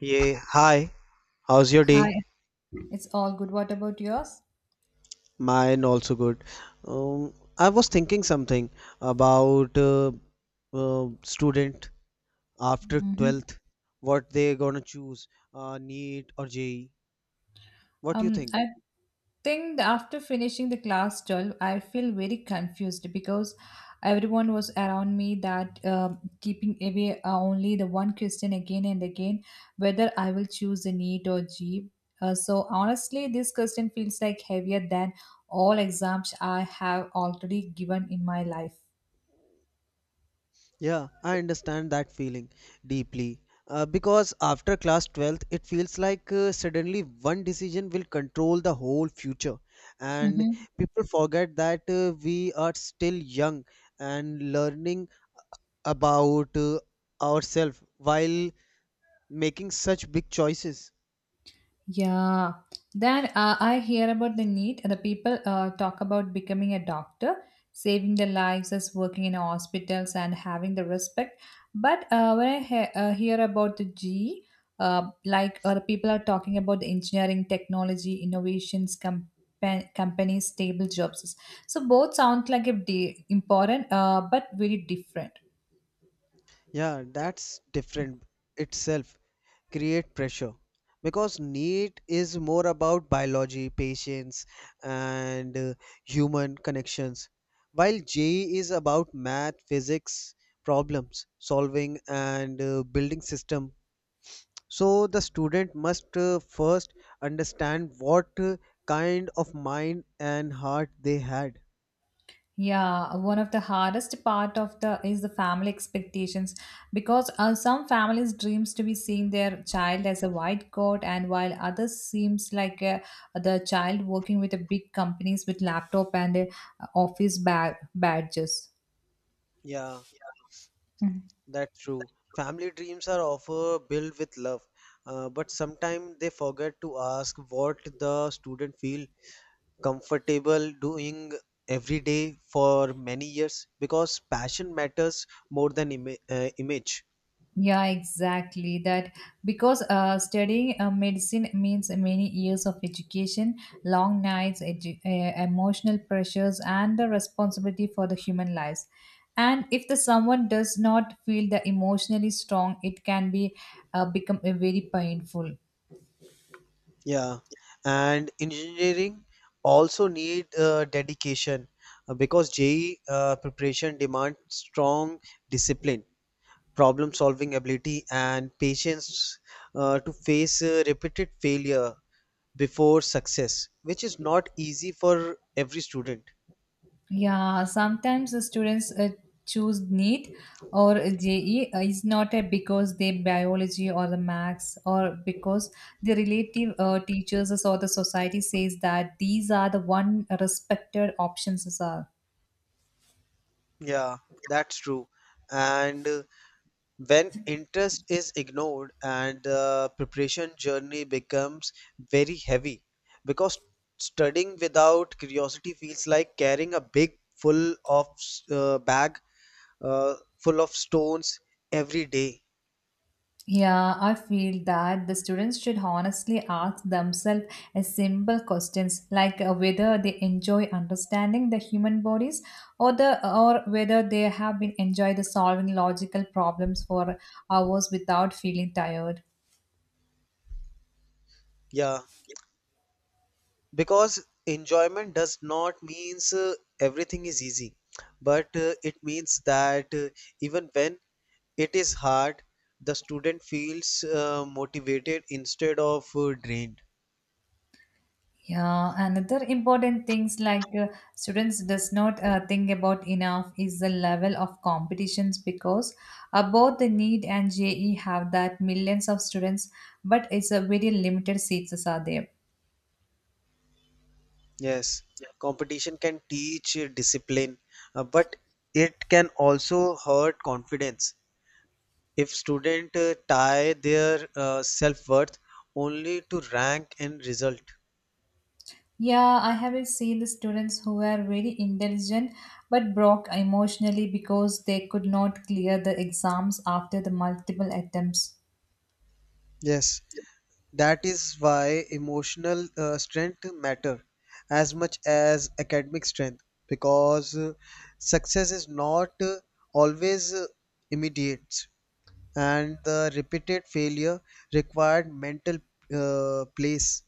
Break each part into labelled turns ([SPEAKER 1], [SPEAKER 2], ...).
[SPEAKER 1] Yeah, hi. How's your day?
[SPEAKER 2] Hi, it's all good. What about yours?
[SPEAKER 1] Mine also good. Um, I was thinking something about student after
[SPEAKER 2] Hmm.
[SPEAKER 1] 12th, what they gonna choose, NEET or JEE. What do you
[SPEAKER 2] Um,
[SPEAKER 1] think?
[SPEAKER 2] I think that after finishing the class 12, I feel very confused because everyone was around me that keeping away only the one question again and again whether I will choose the NEET or G. So honestly, this question feels like heavier than all exams I have already given in my life.
[SPEAKER 1] Yeah, I understand that feeling deeply. Because after class 12th, it feels like suddenly one decision will control the whole future. And
[SPEAKER 2] Mm-hmm.
[SPEAKER 1] people forget that we are still young and learning about ourselves while making such big choices.
[SPEAKER 2] Yeah. Then I hear about the need. The people talk about becoming a doctor, saving their lives as working in hospitals and having the respect. But when I hear about the G, the people are talking about the engineering, technology, innovations, companies, stable jobs. So both sound like important, but very different.
[SPEAKER 1] Yeah, that's different itself, create pressure because need is more about biology, patience, and human connections, while je is about math, physics, problems solving, and building system. So the student must first understand what kind of mind and heart they had.
[SPEAKER 2] Yeah, one of the hardest part of the is the family expectations because some families dreams to be seeing their child as a white coat and while others seems like the child working with the big companies with laptop and office badges.
[SPEAKER 1] Yeah,
[SPEAKER 2] Mm-hmm.
[SPEAKER 1] that's true. Family dreams are often built with love, but sometimes they forget to ask what the student feel comfortable doing every day for many years because passion matters more than image.
[SPEAKER 2] Yeah, exactly. That because studying medicine means many years of education, long nights, emotional pressures, and the responsibility for the human lives. And if the someone does not feel the emotionally strong, it can be become a very painful.
[SPEAKER 1] Yeah, and engineering also need dedication, because JEE preparation demands strong discipline, problem solving ability, and patience to face repeated failure before success, which is not easy for every student.
[SPEAKER 2] Yeah, sometimes the students choose NEET or JE is not a because they biology or the maths or because the relative teachers or the society says that these are the one respected options are.
[SPEAKER 1] Yeah, that's true. And when interest is ignored and the preparation journey becomes very heavy because studying without curiosity feels like carrying a big full of bag uh, full of stones every day.
[SPEAKER 2] Yeah, I feel that the students should honestly ask themselves a simple questions like whether they enjoy understanding the human bodies or the or whether they have been enjoy the solving logical problems for hours without feeling tired.
[SPEAKER 1] Yeah. Because enjoyment does not means everything is easy, but it means that even when it is hard, the student feels motivated instead of drained.
[SPEAKER 2] Yeah, another important things like students does not think about enough is the level of competitions because both the NEET and JE have that millions of students, but it's a very limited seats are there.
[SPEAKER 1] Yes, competition can teach discipline, but it can also hurt confidence if student tie their self worth only to rank and result.
[SPEAKER 2] Yeah, I have seen the students who were very intelligent but broke emotionally because they could not clear the exams after the multiple attempts.
[SPEAKER 1] Yes, that is why emotional strength matter as much as academic strength because success is not always immediate and the repeated failure required mental place.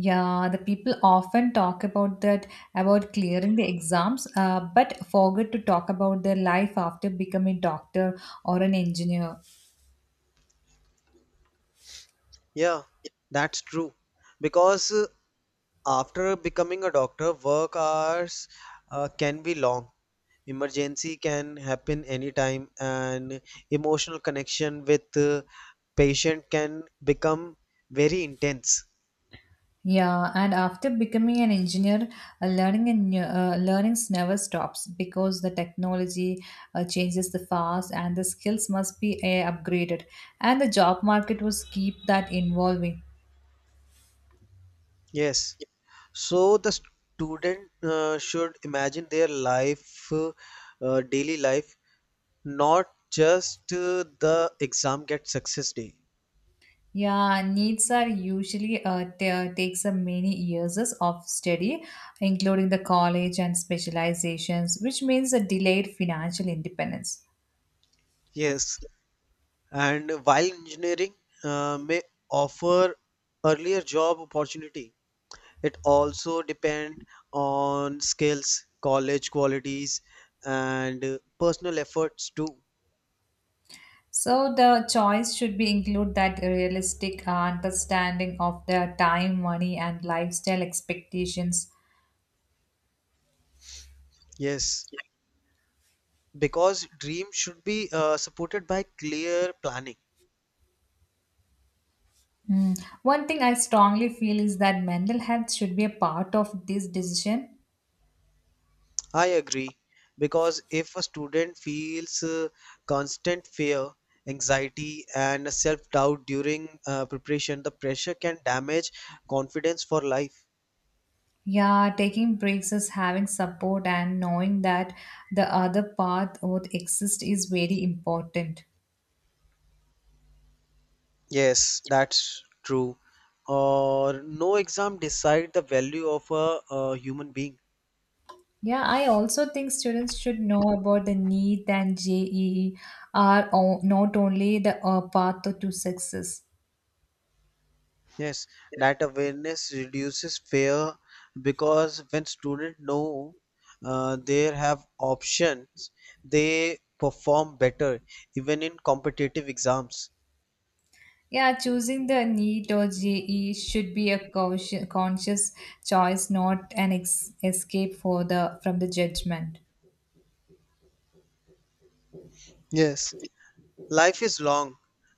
[SPEAKER 2] Yeah, the people often talk about that about clearing the exams, but forget to talk about their life after becoming doctor or an engineer.
[SPEAKER 1] Yeah, that's true because after becoming a doctor, work hours can be long. Emergency can happen anytime, and emotional connection with patient can become very intense.
[SPEAKER 2] Yeah, and after becoming an engineer, learning and learnings never stops because the technology changes the fast and the skills must be upgraded, and the job market was keep that evolving.
[SPEAKER 1] Yes. So the student should imagine their life, daily life, not just the exam get success day.
[SPEAKER 2] Yeah, needs are usually takes a many years of study, including the college and specializations, which means a delayed financial independence.
[SPEAKER 1] Yes. And while engineering may offer earlier job opportunity. It also depend on skills, college qualities, and personal efforts too.
[SPEAKER 2] So the choice should be include that realistic understanding of their time, money, and lifestyle expectations.
[SPEAKER 1] Yes, because dream should be supported by clear planning.
[SPEAKER 2] Mm. One thing I strongly feel is that mental health should be a part of this decision.
[SPEAKER 1] I agree, because if a student feels constant fear, anxiety, and self-doubt during preparation, the pressure can damage confidence for life.
[SPEAKER 2] Yeah, taking breaks is having support and knowing that the other path would exist is very important.
[SPEAKER 1] Yes, that's true. Or no exam decide the value of a human being.
[SPEAKER 2] Yeah, I also think students should know about the NEET and JEE are not only the path to success.
[SPEAKER 1] Yes, that awareness reduces fear because when students know they have options, they perform better even in competitive exams.
[SPEAKER 2] Yeah, choosing the NEET or JE should be a conscious choice, not an escape for the from the judgment.
[SPEAKER 1] Yes, life is long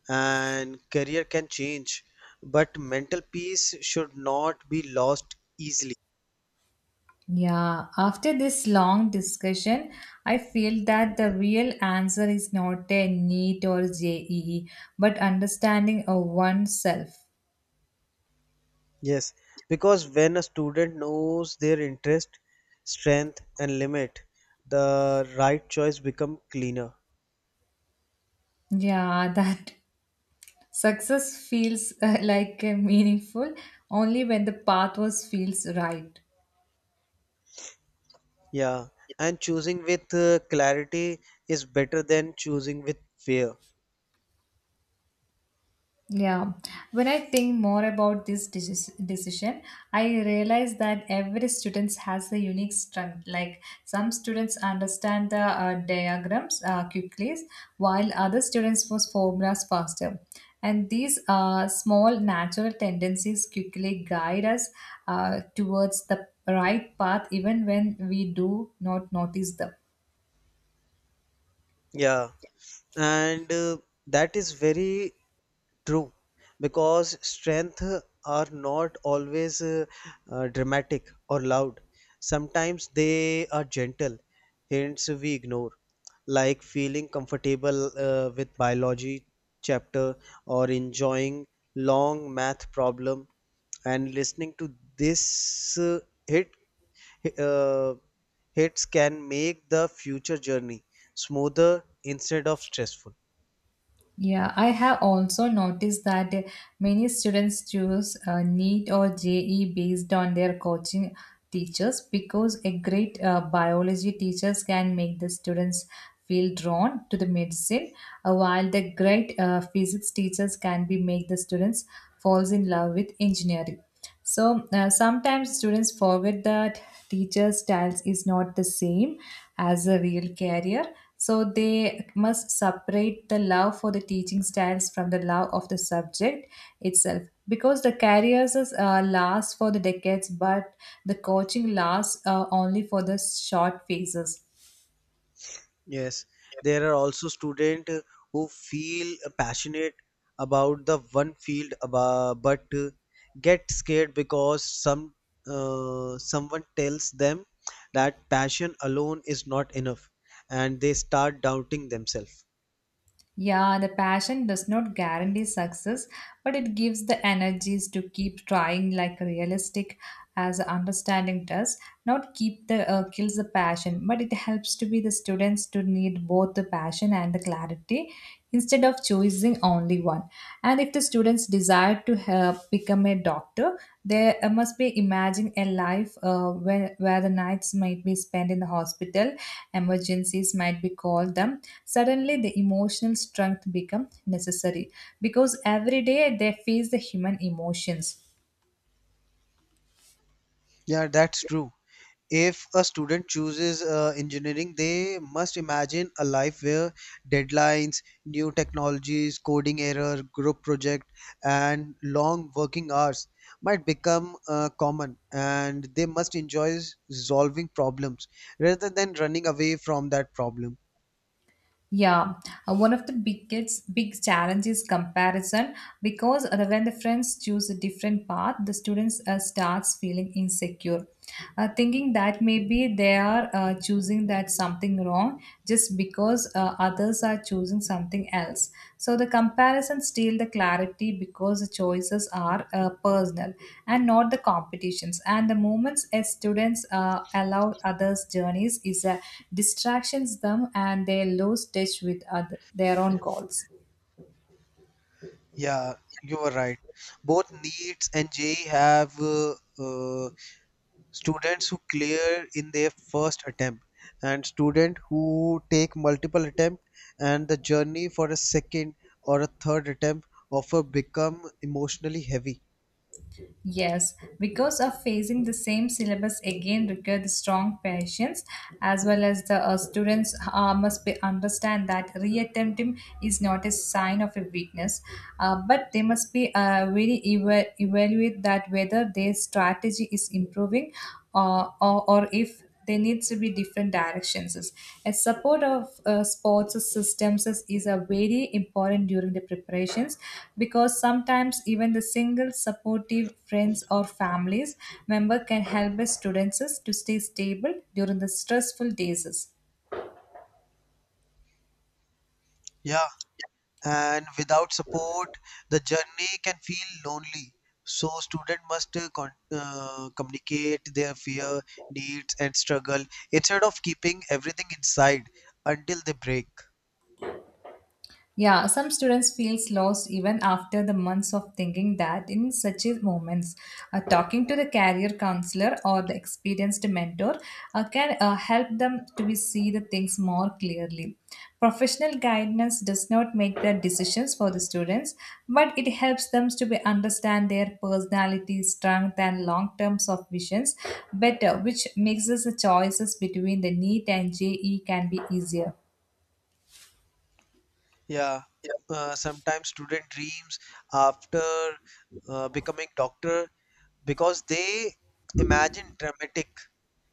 [SPEAKER 1] and career can change, but mental peace should not be lost easily.
[SPEAKER 2] Yeah, after this long discussion, I feel that the real answer is not a NEET or JEE, but understanding of oneself.
[SPEAKER 1] Yes, because when a student knows their interest, strength, and limit, the right choice become cleaner.
[SPEAKER 2] Yeah, that success feels meaningful only when the path was feels right.
[SPEAKER 1] Yeah, and choosing with clarity is better than choosing with fear.
[SPEAKER 2] Yeah, when I think more about this decision, I realize that every student has a unique strength. Like some students understand the diagrams quickly, while other students was formulas faster. And these small natural tendencies quickly guide us towards the right path, even when we do not notice them.
[SPEAKER 1] Yeah, and that is very true because strength are not always dramatic or loud. Sometimes they are gentle hints we ignore, like feeling comfortable with biology chapter or enjoying long math problem, and listening to this hit uh, hits can make the future journey smoother instead of stressful.
[SPEAKER 2] Yeah, I have also noticed that many students choose NEET or JE based on their coaching teachers because a great biology teachers can make the students feel drawn to the medicine, while the great physics teachers can be make the students falls in love with engineering. So sometimes students forget that teacher styles is not the same as a real career. So they must separate the love for the teaching styles from the love of the subject itself. Because the careers is, last for the decades, but the coaching lasts only for the short phases.
[SPEAKER 1] Yes, there are also students who feel passionate about the one field, but get scared because someone tells them that passion alone is not enough, and they start doubting themselves.
[SPEAKER 2] Yeah, the passion does not guarantee success, but it gives the energies to keep trying like realistic as understanding does. Not keep the kills the passion, but it helps to be the students to need both the passion and the clarity instead of choosing only one. And if the students desire to help become a doctor, they must be imagining a life where the nights might be spent in the hospital, emergencies might be called them. Suddenly, the emotional strength become necessary because every day they face the human emotions.
[SPEAKER 1] Yeah, that's true. If a student chooses engineering, they must imagine a life where deadlines, new technologies, coding error, group project, and long working hours might become common, and they must enjoy solving problems rather than running away from that problem.
[SPEAKER 2] Yeah, one of the biggest big challenge is comparison because when the friends choose a different path, the students starts feeling insecure, thinking that maybe they are choosing that something wrong just because others are choosing something else. So the comparison steal the clarity because the choices are personal and not the competitions. And the moments as students allow others' journeys is a distractions them and they lose touch with other, their own goals.
[SPEAKER 1] Yeah, you are right. Both NEETs and JEE have uh, students who clear in their first attempt, and student who take multiple attempt, and the journey for a second or a third attempt offer become emotionally heavy.
[SPEAKER 2] Yes, because of facing the same syllabus again requires strong patience, as well as the students must be understand that reattempting is not a sign of a weakness, but they must be really evaluate that whether their strategy is improving or if there needs to be different directions. A support of sports systems is a very important during the preparations because sometimes even the single supportive friends or families member can help the students to stay stable during the stressful days.
[SPEAKER 1] Yeah, and without support, the journey can feel lonely. So student must communicate their fear, needs, and struggle instead of keeping everything inside until they break.
[SPEAKER 2] Yeah, some students feels lost even after the months of thinking that in such a moments, talking to the career counselor or the experienced mentor can help them to be see the things more clearly. Professional guidance does not make the decisions for the students, but it helps them to be understand their personality, strength, and long terms of visions better, which makes us the choices between the NEET and JEE can be easier.
[SPEAKER 1] Yeah, sometimes student dreams after becoming doctor because they imagine dramatic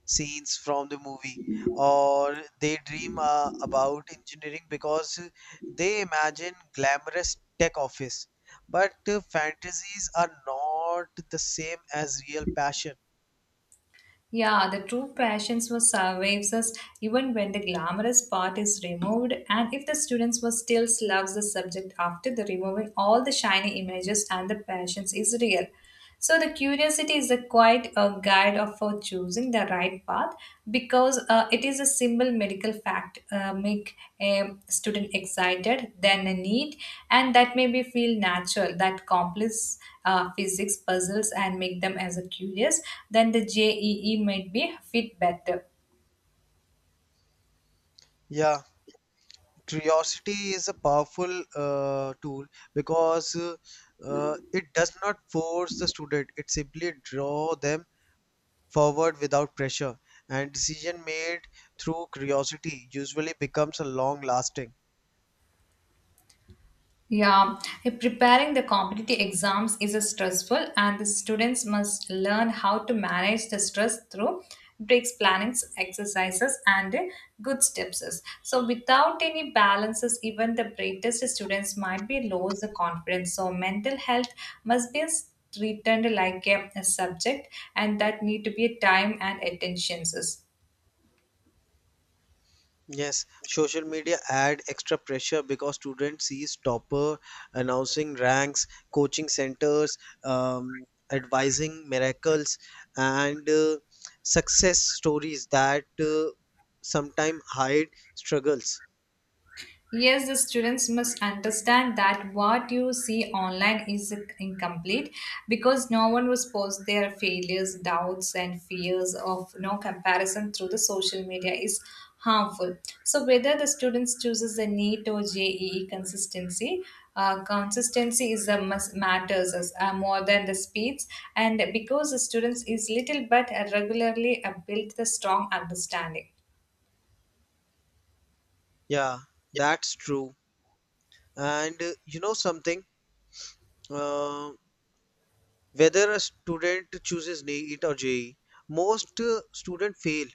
[SPEAKER 1] scenes from the movie, or they dream about engineering because they imagine glamorous tech office. But fantasies are not the same as real passion.
[SPEAKER 2] Yeah, the true passions was survives us even when the glamorous part is removed, and if the students were still loves the subject after the removing all the shiny images and the passions is real. So the curiosity is a quite a guide of for choosing the right path because it is a simple medical fact make a student excited then a need and that may be feel natural that complex physics puzzles and make them as a curious then the jee might be fit better.
[SPEAKER 1] Yeah. Curiosity is a powerful tool because it does not force the student, it simply draw them forward without pressure. And decision made through curiosity usually becomes a long lasting.
[SPEAKER 2] Yeah, preparing the competitive exams is a stressful, and the students must learn how to manage the stress through breaks, plannings, exercises, and good steps. So, without any balances, even the brightest students might be lose the confidence. So, mental health must be treated like a subject, and that need to be a time and attentions.
[SPEAKER 1] Yes, social media add extra pressure because students sees topper announcing ranks, coaching centers, um, advising miracles, and success stories that sometimes hide struggles.
[SPEAKER 2] Yes, the students must understand that what you see online is incomplete because no one was post their failures, doubts, and fears of no comparison through the social media is harmful. So whether the students chooses a NEET or JEE consistency, consistency is a must matters as, more than the speeds, and because the students is little but regularly build the strong understanding.
[SPEAKER 1] Yeah, that's true. And you know something, uh, whether a student chooses NEET or JEE, most students fail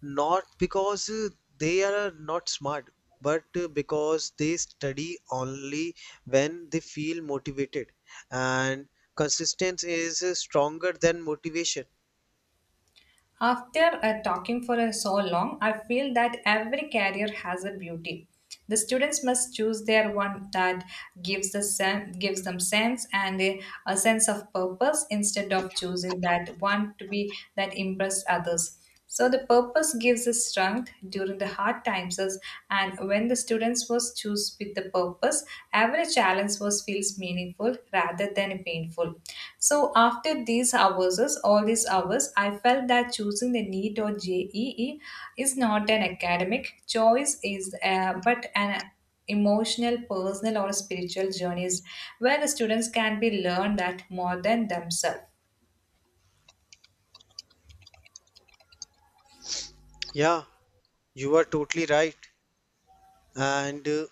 [SPEAKER 1] not because they are not smart, but because they study only when they feel motivated. And consistency is stronger than motivation.
[SPEAKER 2] After talking for so long, I feel that every career has a beauty. The students must choose their one that gives the gives them sense and a sense of purpose instead of choosing that one to be that impress others. So the purpose gives the strength during the hard times and when the students was choose with the purpose, every challenge was feels meaningful rather than painful. So after these hours, all these hours, I felt that choosing the NEET or JEE is not an academic choice is but an emotional, personal or spiritual journeys where the students can be learned that more than themselves.
[SPEAKER 1] Yeah, you are totally right. And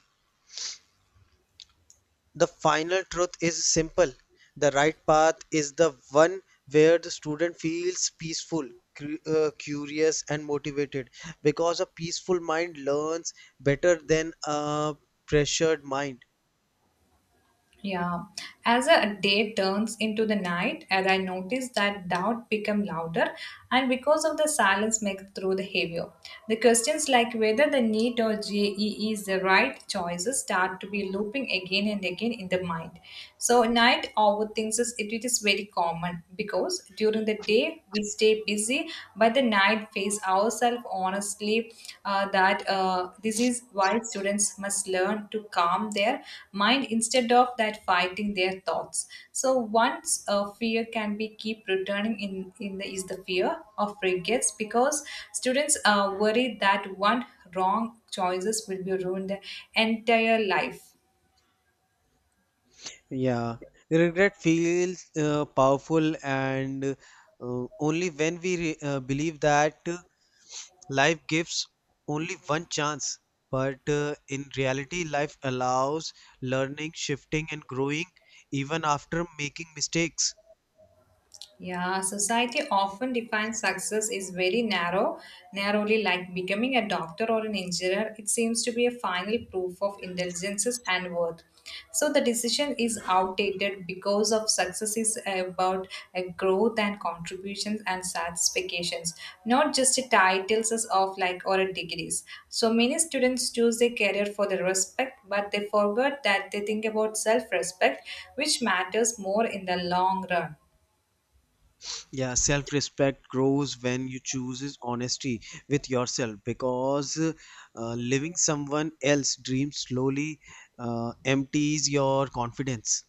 [SPEAKER 1] the final truth is simple. The right path is the one where the student feels peaceful, curious, and motivated because a peaceful mind learns better than a pressured mind.
[SPEAKER 2] Yeah, as a day turns into the night, and I notice that doubt become louder, and because of the silence make through the heavier. The questions like whether the NEET or JEE is the right choices start to be looping again and again in the mind. So night overthinks is it is very common because during the day we stay busy, but at the night face ourselves honestly that this is why students must learn to calm their mind instead of that fighting their thoughts. So once a fear can be keep returning in the is the fear of regrets because students are worried that one wrong choices will be ruined their entire life.
[SPEAKER 1] Yeah, regret feels powerful, and only when we believe that life gives only one chance. But in reality, life allows learning, shifting, and growing even after making mistakes.
[SPEAKER 2] Yeah, society often defines success is very narrow, narrowly, like becoming a doctor or an engineer. It seems to be a final proof of intelligences and worth. So the decision is outdated because of success is about a growth and contributions and satisfactions, not just a titles of like or a degrees. So many students choose their career for the respect, but they forget that they think about self-respect, which matters more in the long run.
[SPEAKER 1] Yeah, self respect grows when you chooses honesty with yourself because living someone else's dreams slowly empties your confidence.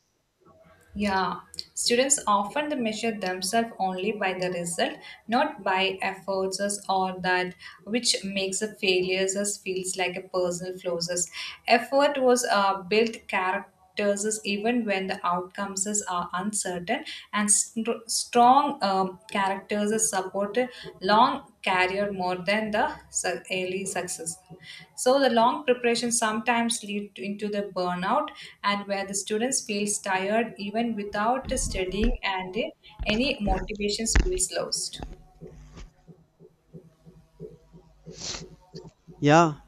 [SPEAKER 2] Yeah, students often they measure themselves only by the result, not by efforts us or that which makes a failures us feels like a personal flaws us. Effort was built characters us even when the outcomes us are uncertain, and strong characters supported long career more than the early success. So the long preparation sometimes lead into the burnout and where the students feels tired even without studying and any motivations feels lost.
[SPEAKER 1] Yeah,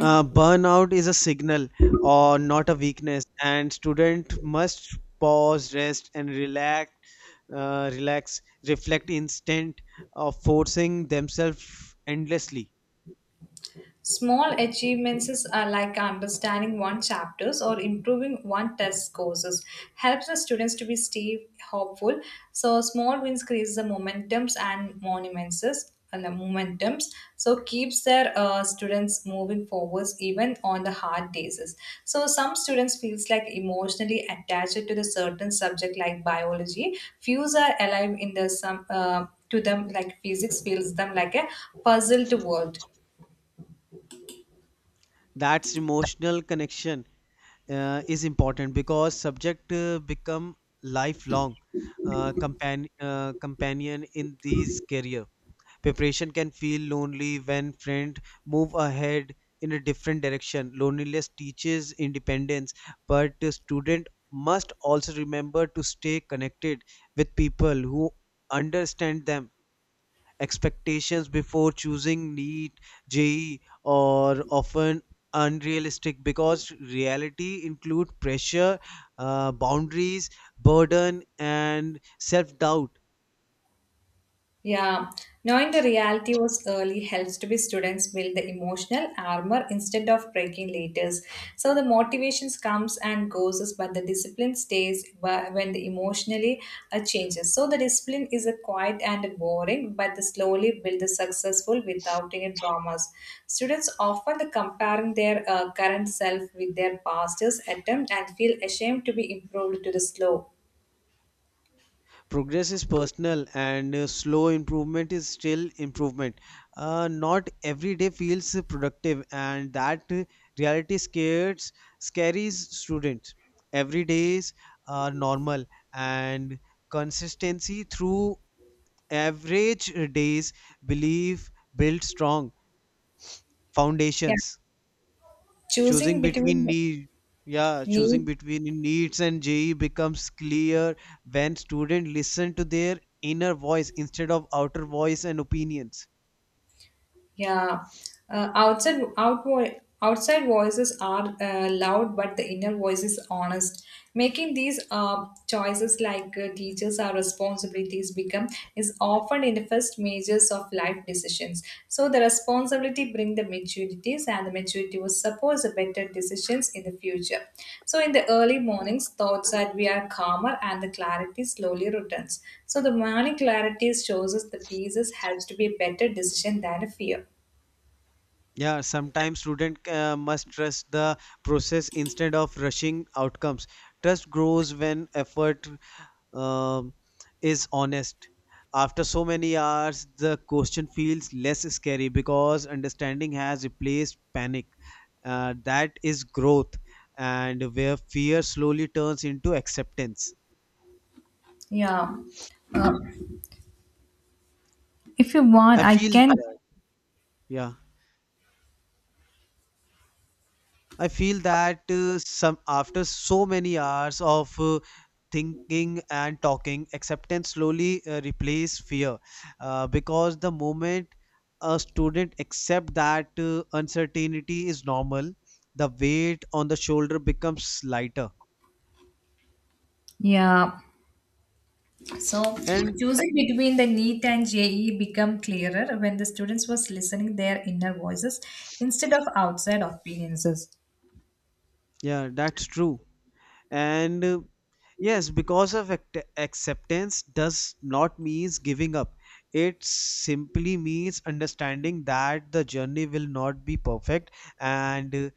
[SPEAKER 1] Burnout is a signal or not a weakness, and student must pause, rest, and relax, reflect instead of forcing themselves endlessly.
[SPEAKER 2] Small achievements are like understanding one chapters or improving one test courses helps the students to be stay hopeful. So small wins creates the momentums and monuments and the momentums. So keeps their students moving forwards even on the hard days. So some students feels like emotionally attached to the certain subject like biology. Few are alive in the some to them like physics feels them like a puzzled world.
[SPEAKER 1] That's emotional connection is important because subject become lifelong companion in these career. Preparation can feel lonely when friends move ahead in a different direction. Loneliness teaches independence, but the student must also remember to stay connected with people who understand them. Expectations before choosing NEET, JE are often unrealistic because reality include pressure, boundaries, burden, and self-doubt.
[SPEAKER 2] Yeah, knowing the reality was early helps to be students build the emotional armor instead of breaking later. So the motivations comes and goes, but the discipline stays when the emotionally changes. So the discipline is a quiet and boring, but the slowly build the successful without any dramas. Students often the comparing their current self with their past attempt and feel ashamed to be improved to the slow.
[SPEAKER 1] Progress is personal, and slow improvement is still improvement. Uh, not every day feels productive, and that reality scares students. Every days are normal, and consistency through average days, believe, build strong
[SPEAKER 2] Yeah,
[SPEAKER 1] foundations. choosing
[SPEAKER 2] choosing
[SPEAKER 1] between
[SPEAKER 2] between
[SPEAKER 1] need yeah choosing
[SPEAKER 2] need.
[SPEAKER 1] between needs and je becomes clear when students listen to their inner voice instead of outer voice and opinions.
[SPEAKER 2] Yeah, outside outward outside voices are loud, but the inner voice is honest. Making these choices, like teachers, our responsibilities become, is often in the first majors of life decisions. So the responsibility bring the maturities, and the maturity will support the better decisions in the future. So in the early mornings, thoughts that we are calmer, and the clarity slowly returns. So the morning clarity shows us the pieces helps to be a better decision than a fear.
[SPEAKER 1] Yeah, sometimes student must trust the process instead of rushing outcomes. Trust grows when effort um, is honest. After so many hours, the question feels less scary because understanding has replaced panic. That is growth, and where fear slowly turns into acceptance.
[SPEAKER 2] Yeah. Uh, if you want,
[SPEAKER 1] I
[SPEAKER 2] I
[SPEAKER 1] feel
[SPEAKER 2] can.
[SPEAKER 1] that, yeah. I feel that some after so many hours of thinking and talking, acceptance slowly replace fear because the moment a student accept that uncertainty is normal, the weight on the shoulder becomes lighter.
[SPEAKER 2] Yeah. So
[SPEAKER 1] And
[SPEAKER 2] choosing between the NEET and JE become clearer when the students was listening their inner voices instead of outside opinions.
[SPEAKER 1] yeah, that's true. And yes, because of acceptance does not means giving up. It simply means understanding that the journey will not be perfect, and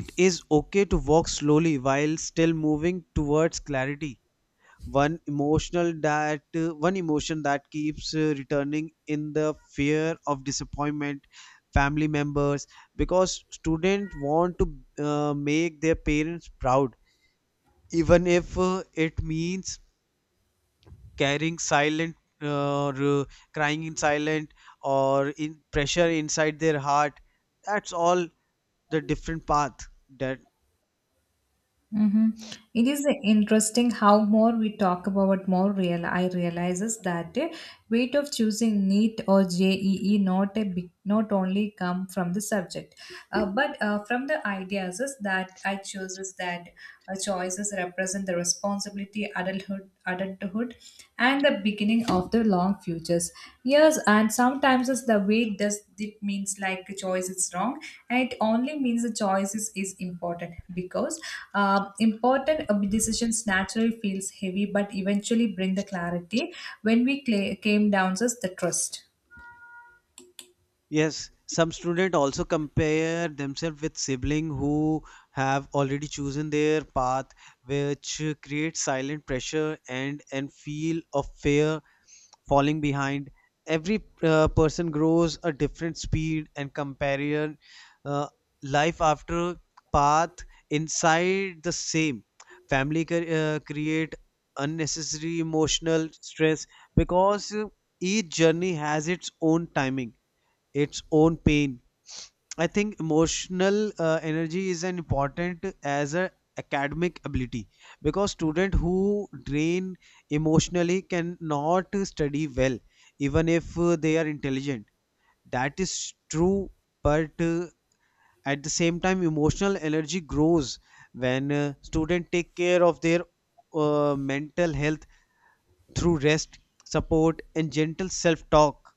[SPEAKER 1] it is okay to walk slowly while still moving towards clarity. One emotion that keeps returning in the fear of disappointment family members because students want to make their parents proud even if it means carrying silent uh, r- crying in silent or in pressure inside their heart. That's all the different path that.
[SPEAKER 2] Mm-hmm. It is interesting how more we talk about more real I realizes that the weight of choosing NEET or JEE not a big, not only come from the subject, but from the ideas is that I chooses that choices represent the responsibility adulthood and the beginning of the long futures. Yes, and sometimes it's the way does it means like a choice is wrong, and it only means the choice is important because important decisions naturally feels heavy, but eventually bring the clarity when we cla came down as the trust.
[SPEAKER 1] Yes, some student also compare themselves with sibling who have already chosen their path, which creates silent pressure and feel of fear falling behind. Every person grows a different speed and compare uh, life after path inside the same family create unnecessary emotional stress because each journey has its own timing, its own pain. I think emotional energy is an important as a academic ability because student who drain emotionally cannot study well even if they are intelligent. That is true, but at the same time emotional energy grows when student take care of their mental health through rest, support, and gentle self talk.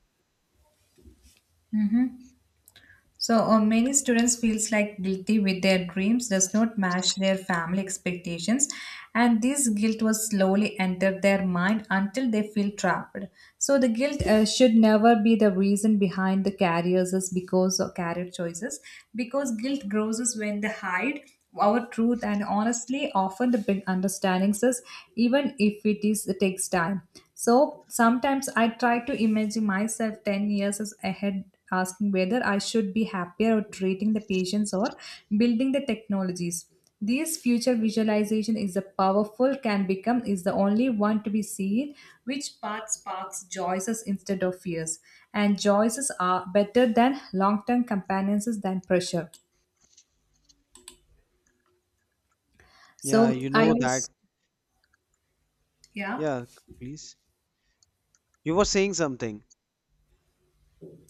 [SPEAKER 2] So, many students feels like guilty with their dreams does not match their family expectations, and this guilt was slowly enter their mind until they feel trapped. So, the guilt should never be the reason behind the careers is because of career choices, because guilt grows us when they hide our truth and honestly often the big understandings is even if it is it takes time. So sometimes I try to imagine myself 10 years as ahead asking whether I should be happier at treating the patients or building the technologies. This future visualization is a powerful can become is the only one to be seen which path sparks joys instead of fears and joys are better than long-term companions than pressure.
[SPEAKER 1] Yeah, you
[SPEAKER 2] So I
[SPEAKER 1] know that.
[SPEAKER 2] use, yeah,
[SPEAKER 1] Yeah, please. You were saying something.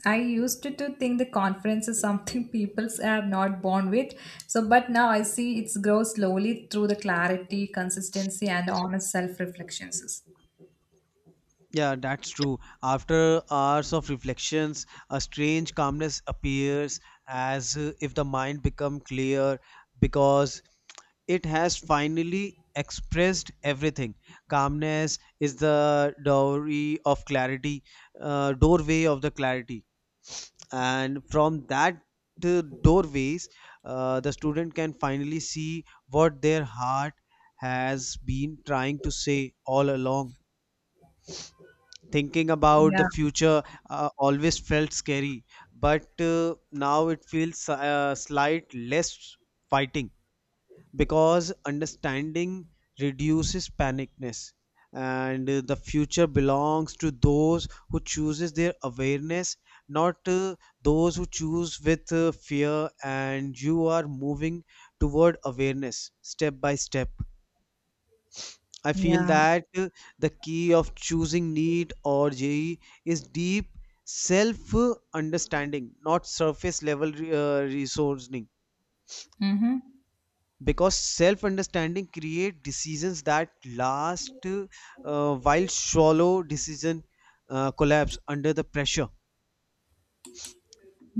[SPEAKER 2] I used to think the conference is something people are not born with. So, but now I see it's grow slowly through the clarity, consistency, and honest self reflections.
[SPEAKER 1] Yeah, that's true. After hours of reflections, a strange calmness appears as if the mind become clear because it has finally expressed everything. Calmness is the dowry of clarity, doorway of the clarity. And from that doorways, the student can finally see what their heart has been trying to say all along. Thinking about the
[SPEAKER 2] Yeah,
[SPEAKER 1] future always felt scary, but now it feels slight less fighting because understanding reduces panicness, and the future belongs to those who chooses their awareness, not those who choose with fear, and you are moving toward awareness step by step. I feel
[SPEAKER 2] yeah.
[SPEAKER 1] that the key of choosing NEET or JE is deep self understanding, not surface level reasoning.
[SPEAKER 2] Mm-hmm.
[SPEAKER 1] Because self understanding create decisions that last, while shallow decision collapse under the pressure.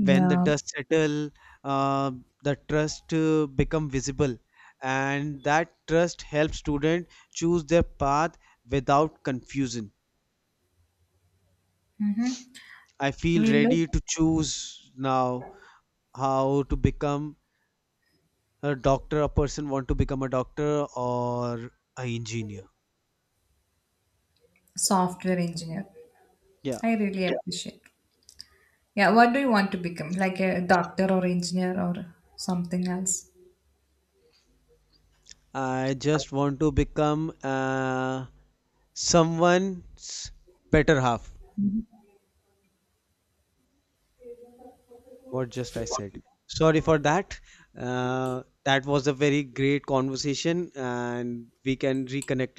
[SPEAKER 1] When the dust settle, uh, the trust become visible, and that trust helps student choose their path without confusion. I feel
[SPEAKER 2] We look
[SPEAKER 1] ready to choose now how to become a doctor, a person want to become a doctor or a engineer.
[SPEAKER 2] software engineer.
[SPEAKER 1] Yeah.
[SPEAKER 2] I really, yeah, appreciate. Yeah, what do you want to become? Like a doctor or engineer or something else?
[SPEAKER 1] I just want to become someone's better half. What just I said. Sorry for that. That was a very great conversation, and we can reconnect